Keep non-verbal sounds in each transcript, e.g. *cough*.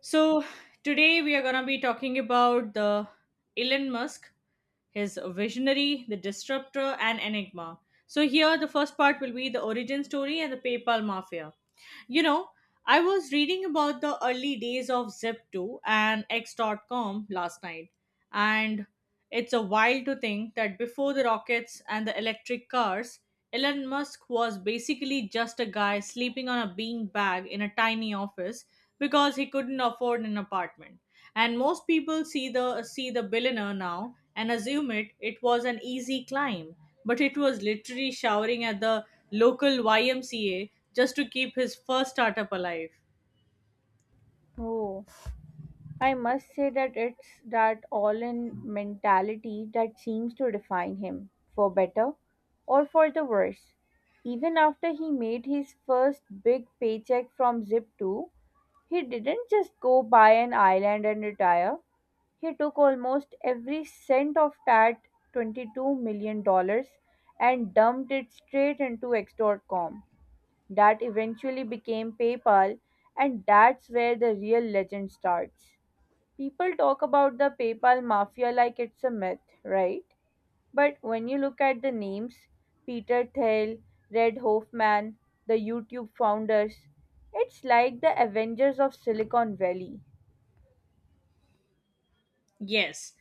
So today we are going to be talking about the Elon Musk, his visionary, the disruptor, and enigma. So here the first part will be the origin story and the PayPal mafia. You know, I was reading about the early days of Zip2 and X.com last night, and it's a while to think that before the rockets and the electric cars, Elon Musk was basically just a guy sleeping on a bean bag in a tiny office because he couldn't afford an apartment. And most people see the billionaire now and assume it was an easy climb, but it was literally showering at the local YMCA just to keep his first startup alive. Oh, I must say that it's that all in mentality that seems to define him, for better or for the worse. Even after he made his first big paycheck from Zip2, he didn't just go buy an island and retire. He took almost every cent of that $22 million dollars and dumped it straight into X. dot com. That eventually became PayPal, and that's where the real legend starts. People talk about the PayPal mafia like it's a myth, right? But when you look at the names, Peter Thiel, Red Hoffman, the YouTube founders, it's like the Avengers of Silicon Valley. Yes,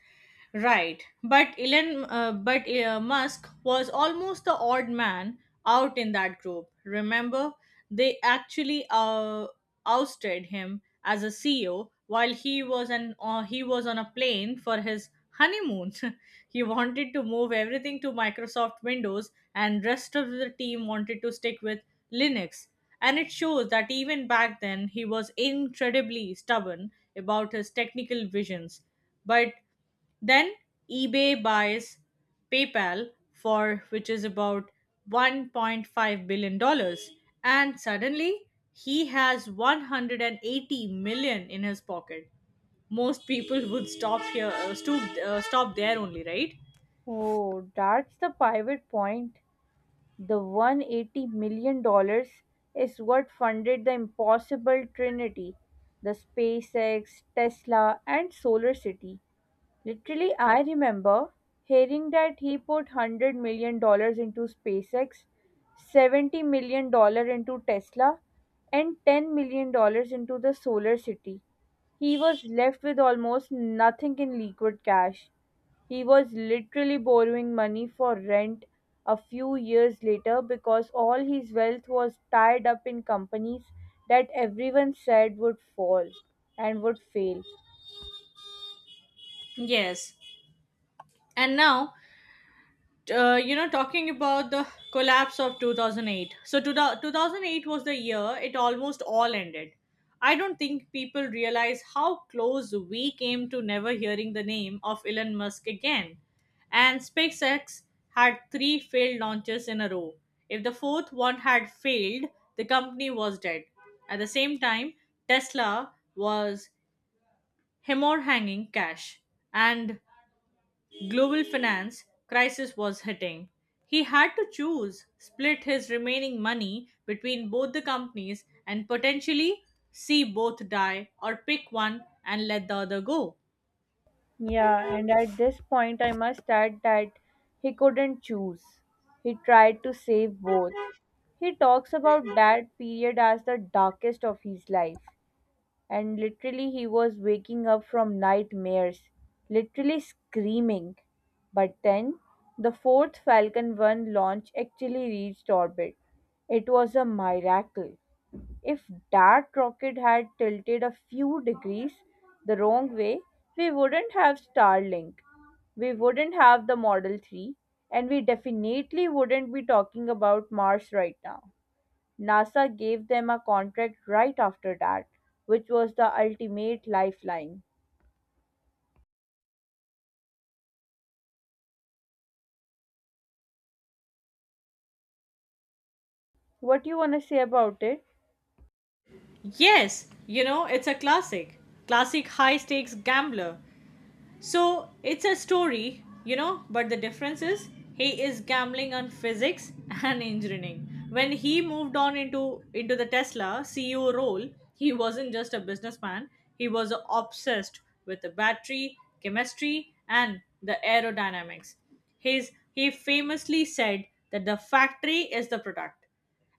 right. But Musk was almost the odd man out in that group. Remember, they actually ousted him as a CEO while he was on a plane for his honeymoon. *laughs* He wanted to move everything to Microsoft Windows, and rest of the team wanted to stick with Linux. And it shows that even back then he was incredibly stubborn about his technical visions, but then eBay buys PayPal for, which is about $1.5 billion, and suddenly he has 180 million in his pocket. Most people would stop there only, right? Oh, that's the pivot point. The $180 million dollars is what funded the impossible trinity, the SpaceX, Tesla, and Solar City. Literally, I remember hearing that he put $100 million dollars into SpaceX, $70 million dollars into Tesla, and $10 million dollars into the solar city. He was left with almost nothing in liquid cash. He was literally borrowing money for rent a few years later because all his wealth was tied up in companies that everyone said would fall and would fail. Yes. And now talking about the collapse of 2008. So, 2008 was the year it almost all ended. I don't think people realize how close we came to never hearing the name of Elon Musk again. And SpaceX had three failed launches in a row. If the fourth one had failed, the company was dead. At the same time, Tesla was hemorrhaging cash. And global finance crisis was hitting. He had to choose, split his remaining money between both the companies and potentially see both die or pick one and let the other go. Yeah, and at this point, I must add that he couldn't choose. He tried to save both. He talks about that period as the darkest of his life, and literally, he was waking up from nightmares, literally screaming. But then, the fourth Falcon 1 launch actually reached orbit. It was a miracle. If that rocket had tilted a few degrees the wrong way, we wouldn't have Starlink, we wouldn't have the Model 3, and we definitely wouldn't be talking about Mars right now. NASA gave them a contract right after that, which was the ultimate lifeline. What do you want to say about it? Yes, it's a classic. Classic high stakes gambler. So it's a story, but the difference is he is gambling on physics *laughs* and engineering. When he moved on into the Tesla CEO role, he wasn't just a businessman, he was obsessed with the battery, chemistry, and the aerodynamics. His he famously said that the factory is the product,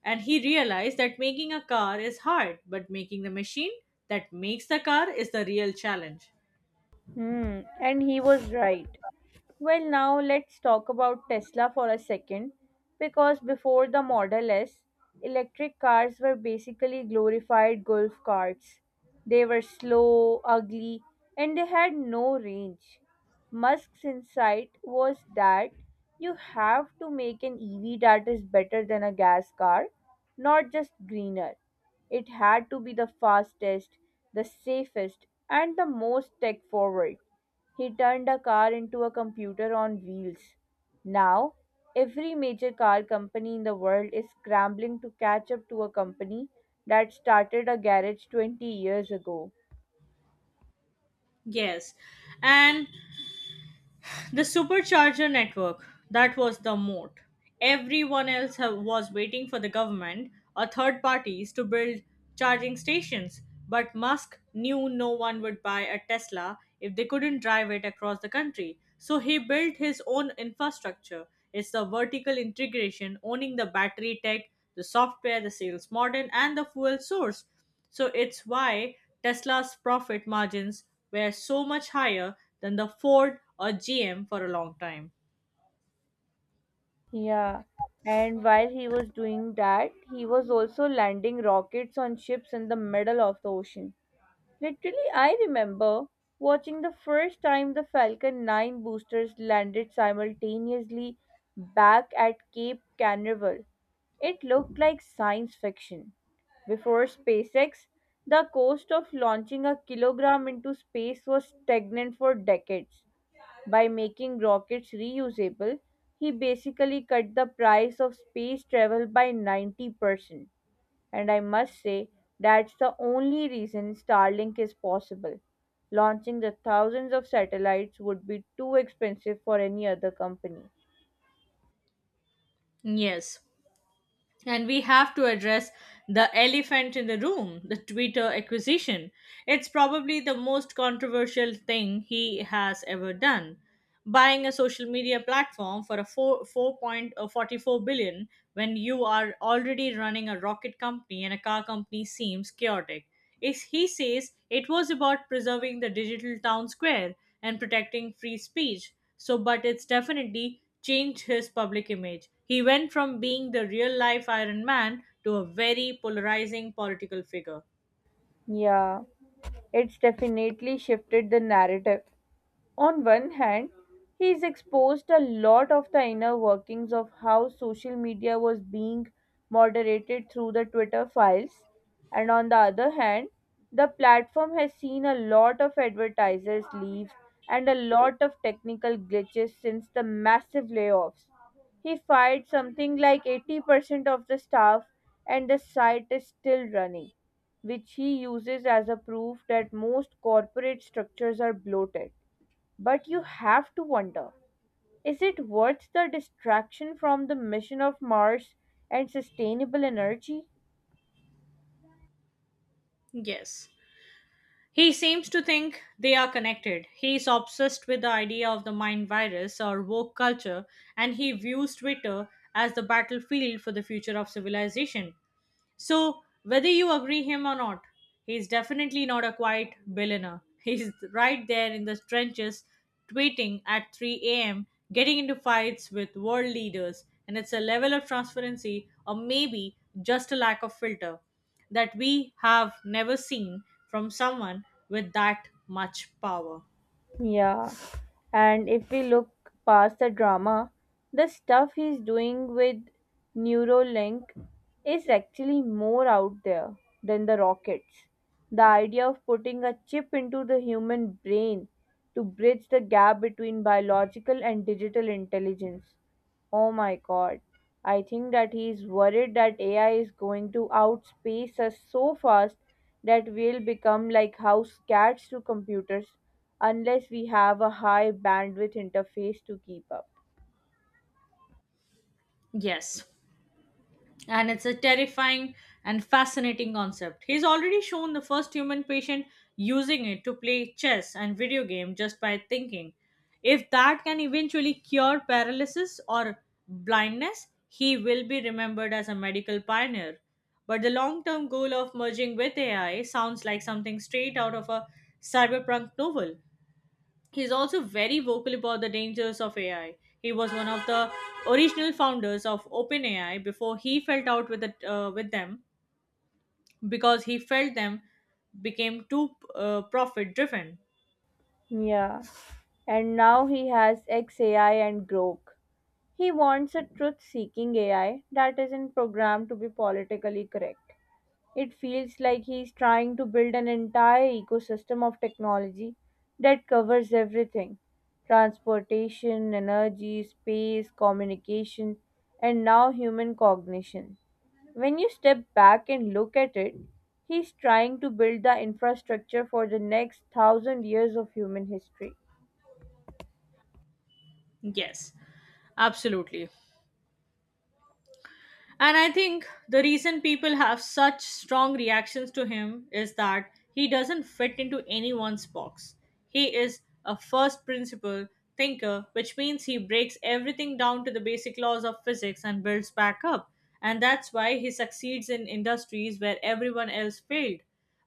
and he realized that making a car is hard, but making the machine that makes the car is the real challenge. Hmm, and he was right. Well, now let's talk about Tesla for a second because before the Model S, electric cars were basically glorified golf carts. They were slow, ugly, and they had no range. Musk's insight was that you have to make an EV that is better than a gas car, not just greener. It had to be the fastest, the safest, and the most tech forward. He turned a car into a computer on wheels. Now, every major car company in the world is scrambling to catch up to a company that started a garage 20 years ago. Yes, and the supercharger network, that was the moat. Everyone else was waiting for the government or third parties to build charging stations, but Musk knew no one would buy a Tesla if they couldn't drive it across the country. So he built his own infrastructure. It's the vertical integration, owning the battery tech, the software, the sales model, and the fuel source. So it's why Tesla's profit margins were so much higher than the Ford or GM for a long time. Yeah, and while he was doing that, he was also landing rockets on ships in the middle of the ocean. Literally, I remember watching the first time the Falcon 9 boosters landed simultaneously back at Cape Canaveral. It looked like science fiction. Before SpaceX, the cost of launching a kilogram into space was stagnant for decades. By making rockets reusable, he basically cut the price of space travel by 90%. And I must say, that's the only reason Starlink is possible. Launching the thousands of satellites would be too expensive for any other company. Yes, and we have to address the elephant in the room, the Twitter acquisition. It's probably the most controversial thing he has ever done. Buying a social media platform for a 4.44 billion when you are already running a rocket company and a car company seems chaotic. Is he says it was about preserving the digital town square and protecting free speech. But it's definitely changed his public image. He went from being the real life Iron Man to a very polarizing political figure. Yeah, it's definitely shifted the narrative. On one hand, he is exposed a lot of the inner workings of how social media was being moderated through the Twitter files, and on the other hand, the platform has seen a lot of advertisers leave and a lot of technical glitches since the massive layoffs. He fired something like 80% of the staff, and the site is still running, which he uses as a proof that most corporate structures are bloated. But you have to wonder, is it worth the distraction from the mission of Mars and sustainable energy? Yes. He seems to think they are connected. He is obsessed with the idea of the mind virus or woke culture, and he views Twitter as the battlefield for the future of civilization. So, whether you agree him or not, he's definitely not a quiet billionaire. He's right there in the trenches, tweeting at 3 a.m., getting into fights with world leaders, and it's a level of transparency, or maybe just a lack of filter, that we have never seen from someone with that much power. Yeah. And if we look past the drama, the stuff he's doing with Neuralink is actually more out there than the rockets. The idea of putting a chip into the human brain to bridge the gap between biological and digital intelligence. Oh my god. I think that he is worried that AI is going to outspace us so fast that we'll become like house cats to computers unless we have a high bandwidth interface to keep up. Yes, and it's a terrifying and fascinating concept. He's already shown the first human patient using it to play chess and video game just by thinking. If that can eventually cure paralysis or blindness, he will be remembered as a medical pioneer. But the long-term goal of merging with AI sounds like something straight out of a cyberpunk novel. He's also very vocal about the dangers of AI. He was one of the original founders of OpenAI before he fell out with them because he felt them became too profit driven. Yeah. And now he has XAI and Grok. He wants a truth seeking AI that isn't programmed to be politically correct. It feels like he's trying to build an entire ecosystem of technology that covers everything: transportation, energy, space, communication, and now human cognition. When you step back and look at it, he's trying to build the infrastructure for the next thousand years of human history. Yes, absolutely. And I think the reason people have such strong reactions to him is that he doesn't fit into anyone's box. He is a first principle thinker, which means he breaks everything down to the basic laws of physics and builds back up. And that's why he succeeds in industries where everyone else failed.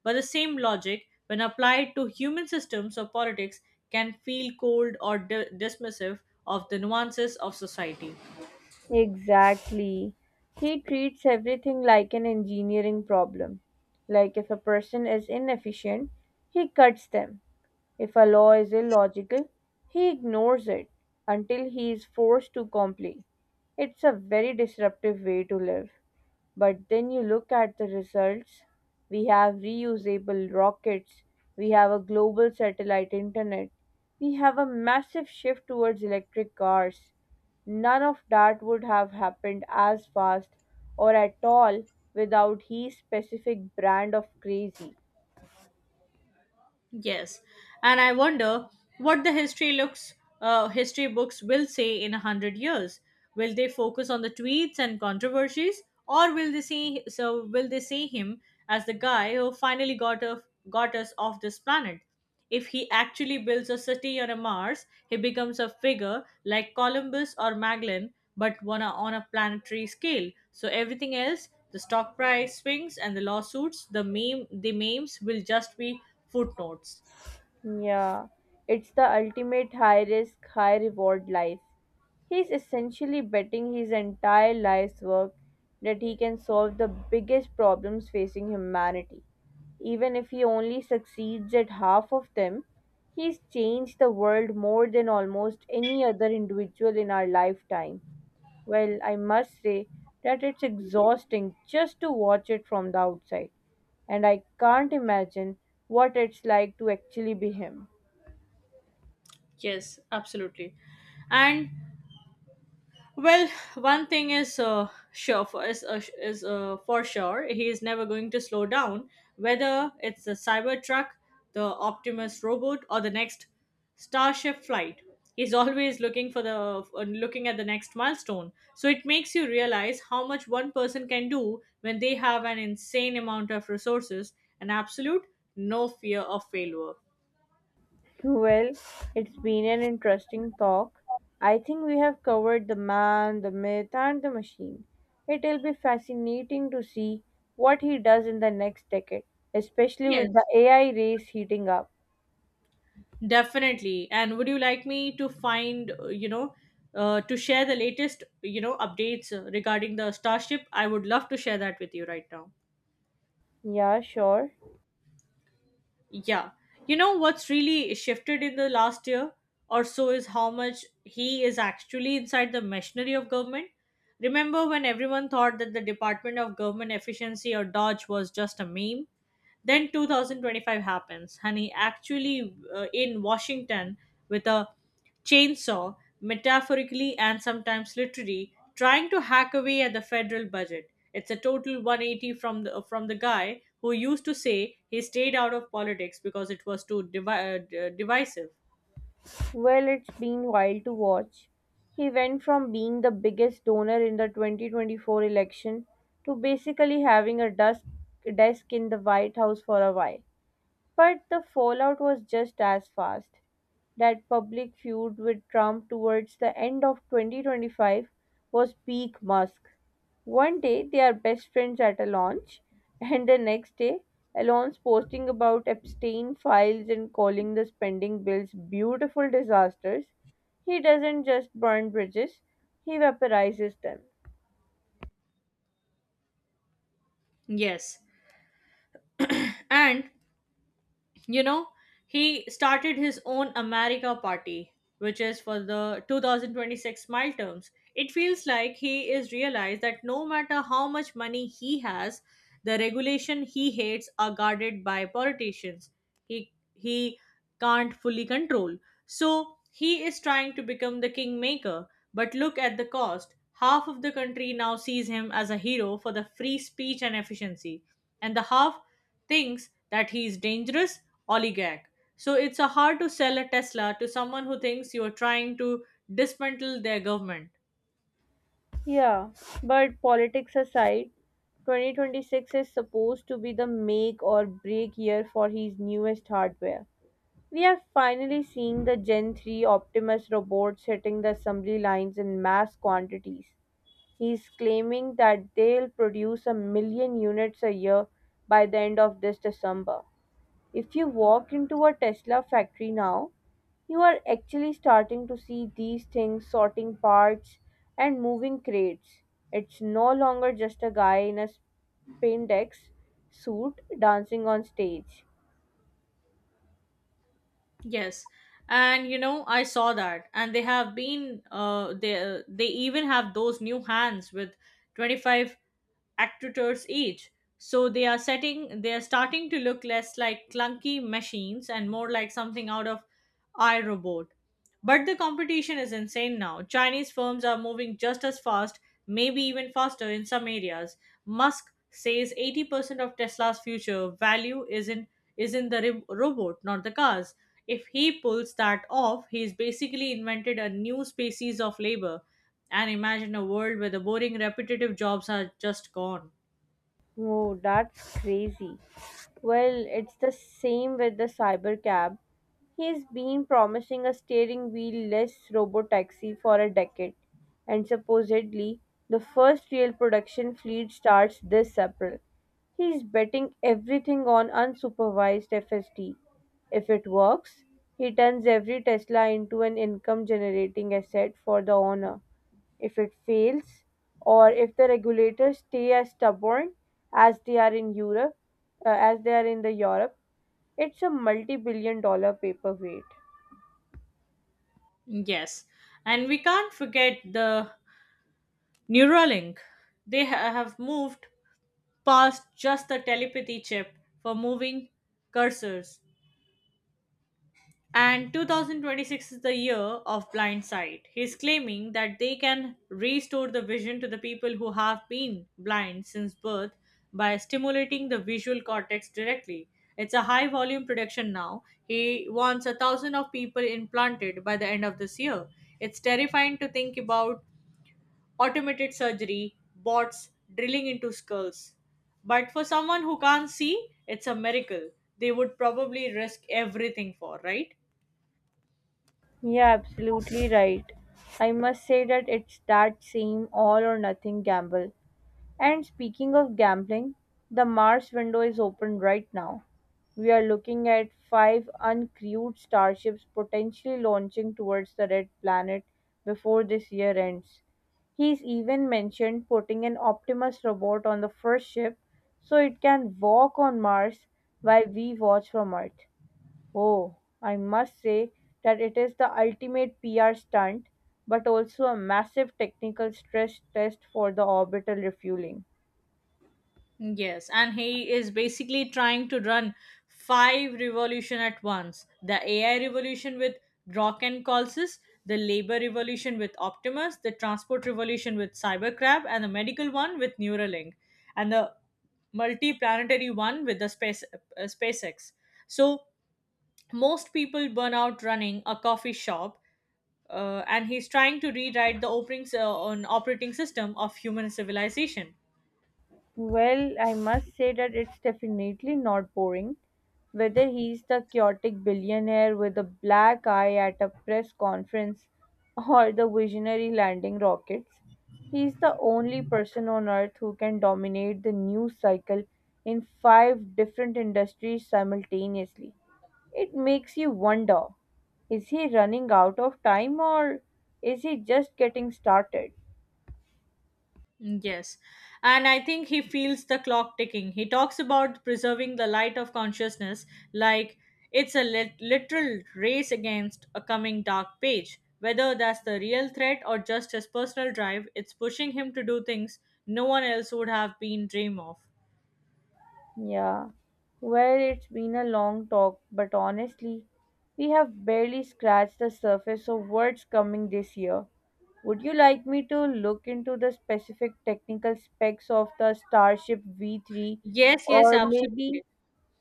But the same logic, when applied to human systems or politics, can feel cold or dismissive of the nuances of society. Exactly. He treats everything like an engineering problem. Like, if a person is inefficient, he cuts them. If a law is illogical, he ignores it until he is forced to comply. It's a very disruptive way to live. But then you look at the results. We have reusable rockets, we have a global satellite internet, we have a massive shift towards electric cars. None of that would have happened as fast, or at all, without his specific brand of crazy. Yes, and I wonder what the history books will say in a hundred years. Will they focus on the tweets and controversies, or will they see him as the guy who finally got us off this planet? If he actually builds a city on a Mars, he becomes a figure like Columbus or Magellan, but on a planetary scale. So everything else, the stock price swings and the lawsuits, the memes will just be footnotes. Yeah, it's the ultimate high risk, high reward life. He's essentially betting his entire life's work that he can solve the biggest problems facing humanity. Even if he only succeeds at half of them, he's changed the world more than almost any other individual in our lifetime. Well, I must say that it's exhausting just to watch it from the outside, and I can't imagine what it's like to actually be him. Yes, absolutely. And Well, one thing is sure for is for sure he is never going to slow down. Whether it's the Cybertruck, the Optimus robot, or the next Starship flight, he's *laughs* always looking at the next milestone. So it makes you realize how much one person can do when they have an insane amount of resources and absolute no fear of failure. *laughs* Well, it's been an interesting talk. I think we have covered the man, the myth, and the machine. It'll be fascinating to see what he does in the next decade, especially with the Yes, AI race heating up. definitely. And would you like me to share the latest updates regarding the Starship? I would love to share that with you right now. Yeah, sure. Yeah. You know what's really shifted in the last year or so is how much he is actually inside the machinery of government. Remember when everyone thought that the Department of Government Efficiency or Dodge was just a meme? Then 2025 happens, and he actually in Washington with a chainsaw, metaphorically and sometimes literally, trying to hack away at the federal budget. It's a total 180 from the guy who used to say he stayed out of politics because it was too divisive. Well, it's been wild to watch. He went from being the biggest donor in the 2024 election to basically having a desk in the White House for a while. But the fallout was just as fast. That public feud with Trump towards the end of 2025 was peak Musk. One day they are best friends at a launch, and the next day Elon's posting about Epstein files and calling the spending bills beautiful disasters. He doesn't just burn bridges, he vaporizes them. Yes, and you know he started his own America Party, which is for the 2026 mile terms. It feels like he is realized that no matter how much money he has, the regulation he hates are guarded by politicians he he he can't fully control. So he is trying to become the kingmaker, but look at the cost. Half of the country now sees him as a hero for the free speech and efficiency, and the half thinks that he is dangerous oligarch. So it's a hard to sell a Tesla to someone who thinks you are trying to dismantle their government. Yeah, but politics aside, 2026 is supposed to be the make or break year for his newest hardware. We are finally seeing the Gen 3 Optimus robots hitting the assembly lines in mass quantities. He's claiming that they'll produce a million units a year by the end of this December. If you walk into a Tesla factory now, you are actually starting to see these things sorting parts and moving crates. It's no longer just a guy in a spandex suit dancing on stage. Yes, and you know I saw that, and they even have those new hands with 25 actuators each. So they are starting to look less like clunky machines and more like something out of iRobot. But the competition is insane now. Chinese firms are moving just as fast, maybe even faster in some areas. Musk says 80% of Tesla's future value is in the robot, not the cars. If he pulls that off, he's basically invented a new species of labor. And imagine a world where the boring, repetitive jobs are just gone. Oh, that's crazy. Well, it's the same with the cyber cab. He's been promising a steering wheel-less robotaxi for a decade, and supposedly the first real production fleet starts this April. He's betting everything on unsupervised FSD. If it works, he turns every Tesla into an income-generating asset for the owner. If it fails, or if the regulators stay as stubborn as they are in Europe, as they are in the Europe, it's a multi billion dollar paperweight. Yes. And we can't forget the Neuralink. They have moved past just the telepathy chip for moving cursors. And 2026 is the year of blind sight. He's claiming that they can restore the vision to the people who have been blind since birth by stimulating the visual cortex directly. It's a high volume production now. He wants a thousand of people implanted by the end of this year. It's terrifying to think about automated surgery, bots drilling into skulls. But for someone who can't see, it's a miracle. They would probably risk everything for, right? Yeah, absolutely right. I must say that it's that same all or nothing gamble. And speaking of gambling, the Mars window is open right now. We are looking at five uncrewed starships potentially launching towards the red planet before this year ends. He's even mentioned putting an Optimus robot on the first ship so it can walk on Mars while we watch from Earth. Oh, I must say that it is the ultimate PR stunt, but also a massive technical stress test for the orbital refueling. Yes, and he is basically trying to run five revolution at once. The AI revolution with Grokken calls us, the labor revolution with Optimus, the transport revolution with Cybercrab, and the medical one with Neuralink, and the multi-planetary one with the SpaceX. So most people burn out running a coffee shop, and he's trying to rewrite the opening on operating system of human civilization. Well, I must say that it's definitely not boring. Whether he's the chaotic billionaire with a black eye at a press conference *laughs* or the visionary landing rockets, he's the only person on earth who can dominate the news cycle in five different industries simultaneously. It makes you wonder, is he running out of time, or is he just getting started? Mm, yes. And I think he feels the clock ticking. He talks about preserving the light of consciousness, like it's a literal race against a coming dark page. Whether that's the real threat or just his personal drive, it's pushing him to do things no one else would have been dream of. Yeah. Well, it's been a long talk, but honestly, we have barely scratched the surface of what's coming this year. Would you like me to look into the specific technical specs of the Starship V3, Yes, yes, or maybe absolutely.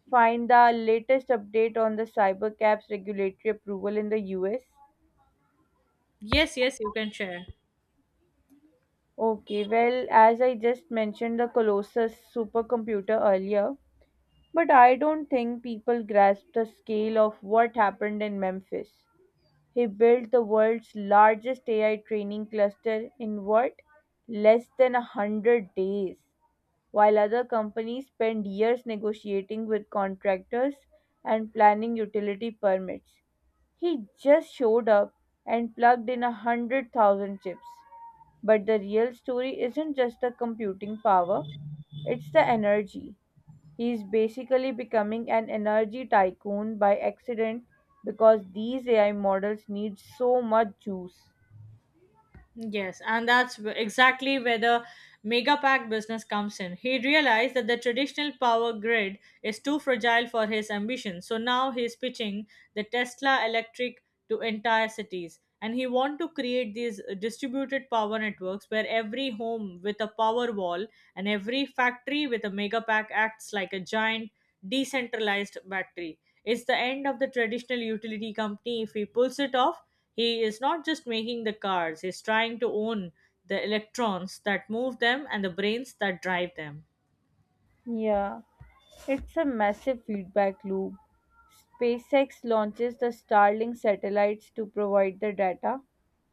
find the latest update on the Cybercap's regulatory approval in the US? Yes, yes, you can share. Okay, well, as I just mentioned the Colossus supercomputer earlier, but I don't think people grasp the scale of what happened in Memphis. He built the world's largest AI training cluster in what? Less than 100 days. While other companies spend years negotiating with contractors and planning utility permits, he just showed up and plugged in 100,000 chips. But the real story isn't just the computing power, it's the energy. He's basically becoming an energy tycoon by accident because these AI models need so much juice. Yes, and exactly where the mega pack business comes in. He realized that the traditional power grid is too fragile for his ambition. So now he's pitching the Tesla electric to entire cities. And he want to create these distributed power networks where every home with a power wall and every factory with a mega pack acts like a giant decentralized battery. It's the end of the traditional utility company. If he pulls it off, he is not just making the cars, he's trying to own the electrons that move them and the brains that drive them. Yeah, it's a massive feedback loop. SpaceX launches the Starlink satellites to provide the data.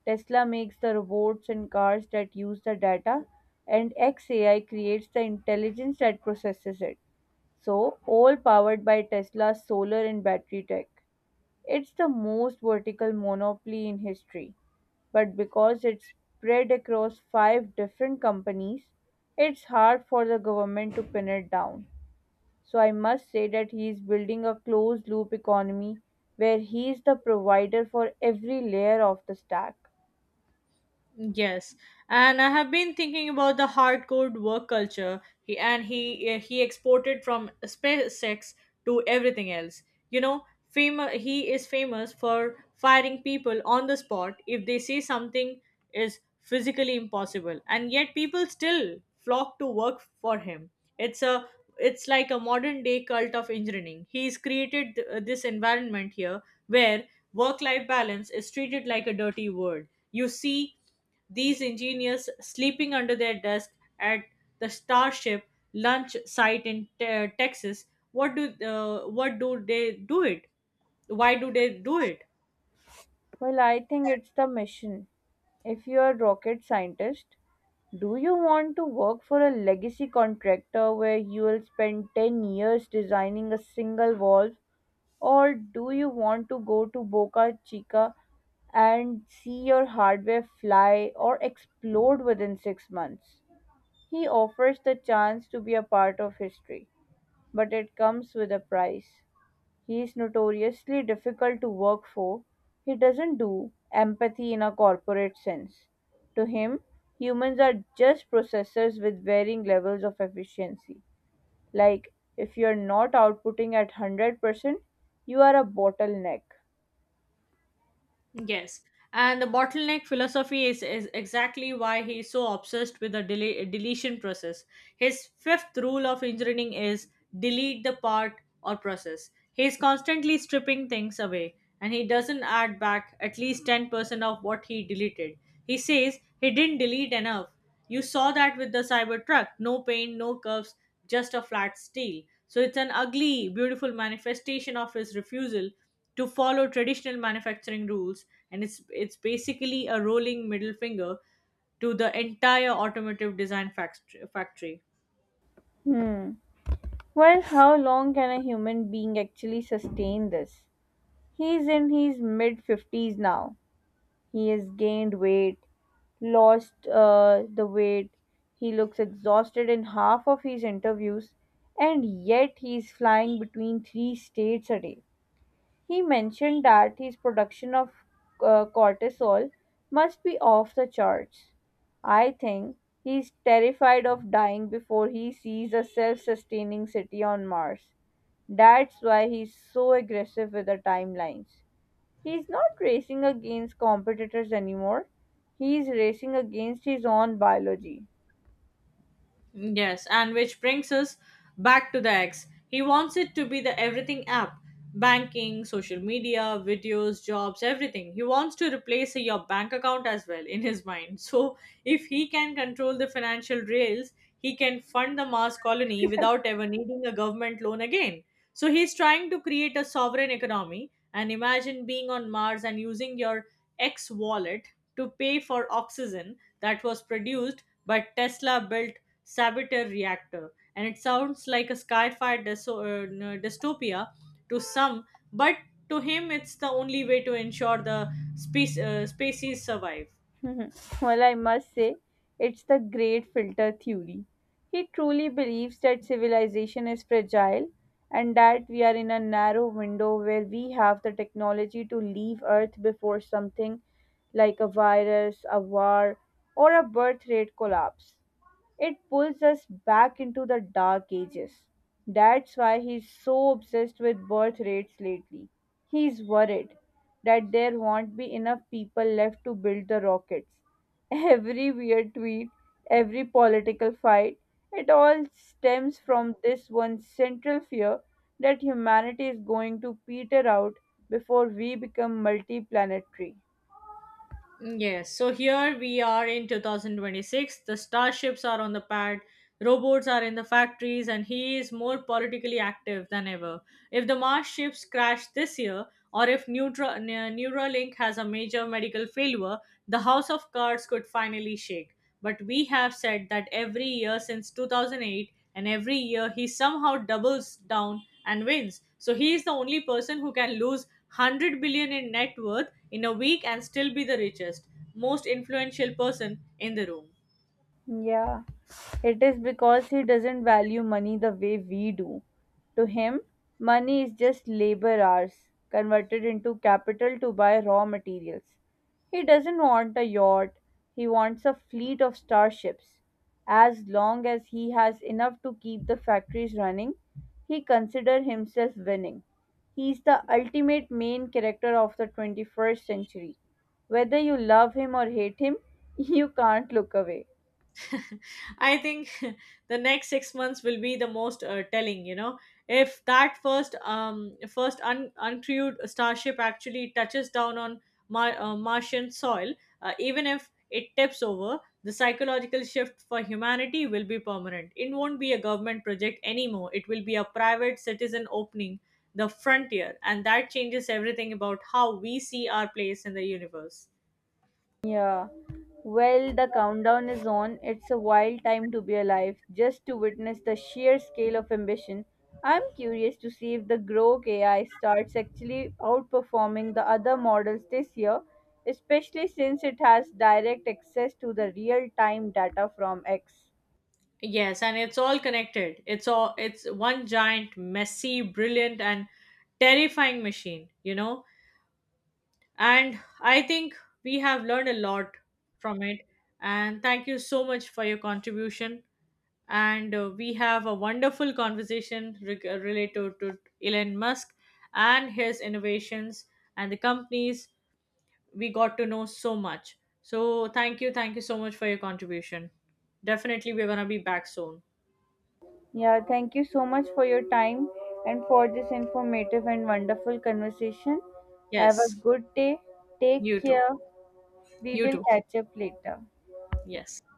Tesla makes the robots and cars that use the data, and XAI creates the intelligence that processes it. So, all powered by Tesla's solar and battery tech. It's the most vertical monopoly in history, but because it's spread across five different companies, it's hard for the government to pin it down. So I must say that he is building a closed loop economy where he is the provider for every layer of the stack. Yes, and I have been thinking about the hardcore work culture he, and he eh, he exported from SpaceX to everything else. You know, he is famous for firing people on the spot if they say something is physically impossible, and yet people still flock to work for him. It's a it's like a modern day cult of engineering. He's created this environment here where work life balance is treated like a dirty word. You see these engineers sleeping under their desk at the Starship launch site in Texas. What do they do it? Why do they do it? Well, I think it's the mission. If you are a rocket scientist, do you want to work for a legacy contractor where you will spend 10 years designing a single valve? Or do you want to go to Boca Chica and see your hardware fly or explode within 6 months? He offers the chance to be a part of history, but it comes with a price. He is notoriously difficult to work for. He doesn't do empathy in a corporate sense. To him, humans are just processors with varying levels of efficiency. Like, if you're not outputting at 100%, you are a bottleneck. Yes. And the bottleneck philosophy is exactly why he is so obsessed with the deletion process. His fifth rule of engineering is delete the part or process. He is constantly stripping things away, and he doesn't add back at least 10% of what he deleted. He says he didn't delete enough. You saw that with the Cybertruck: no paint, no curves, just a flat steel. So it's an ugly, beautiful manifestation of his refusal to follow traditional manufacturing rules, and it's basically a rolling middle finger to the entire automotive design factory. Hmm. Well, how long can a human being actually sustain this? He's in his mid 50s now. He has gained weight, lost the weight, he looks exhausted in half of his interviews, and yet he's flying between three states a day. He mentioned that his production of cortisol must be off the charts. I think he's terrified of dying before he sees a self sustaining city on Mars. That's why he's so aggressive with the timelines. He's not racing against competitors anymore, he's racing against his own biology. Yes, and which brings us back to the X. He wants it to be the everything app: banking, social media, videos, jobs, everything. He wants to replace your bank account as well in his mind. *laughs* So, if he can control the financial rails, he can fund the Mars colony without ever needing a government loan again. So, he's trying to create a sovereign economy. And imagine being on Mars and using your X wallet to pay for oxygen that was produced but Tesla built saboteur reactor. And it sounds like a sci-fi dystopia to some, but to him it's the only way to ensure the species survive. *laughs* Well, I must say, it's the great filter theory. He truly believes that civilization is fragile and that we are in a narrow window where we have the technology to leave Earth before something like a virus, a war, or a birth rate collapse It pulls us back into the dark ages. That's why he's so obsessed with birth rates lately. He's worried that there won't be enough people left to build the rockets. *laughs* Every weird tweet, every political fight, it all stems from this one central fear that humanity is going to peter out before we become multi planetary. Yes, so here we are in 2026. The starships are on the pad, robots are in the factories, and he is more politically active than ever. If the Mars ships crash this year, or if Neuralink has a major medical failure, the House of Cards could finally shake. But we have said that every year since 2008, and every year he somehow doubles down and wins. So he is the only person who can lose 100 billion in net worth in a week and still be the richest, most influential person in the room. Yeah, it is because he doesn't value money the way we do. To him, money is just labor hours converted into capital to buy raw materials. He doesn't want a yacht, he wants a fleet of starships. As long as he has enough to keep the factories running, he considers himself winning. He's the ultimate main character of the 21st century. Whether you love him or hate him, *laughs* you can't look away. *laughs* I think *laughs* the next 6 months will be the most telling. You know, if that first uncrewed starship actually touches down on Martian soil, even if it tips over, the psychological shift for humanity will be permanent. It won't be a government project anymore. It will be a private citizen opening the frontier, and that changes everything about how we see our place in the universe. Yeah. Well, the countdown is on. It's a wild time to be alive. Just to witness the sheer scale of ambition, I'm curious to see if the Grok AI starts actually outperforming the other models this year, especially since it has direct access to the real time data from X. Yes, and it's all connected. It's one giant, messy, brilliant, and terrifying machine, you know. And I think we have learned a lot from it. And thank you so much for your contribution. And we have a wonderful conversation related to Elon Musk and his innovations and the companies. We got to know so much. So thank you so much for your contribution. Definitely, we're gonna be back soon. Yeah, thank you so much for your time and for this informative and wonderful conversation. Have a Yes. good day. Take You too. care. We You will too. catch up later. Yes.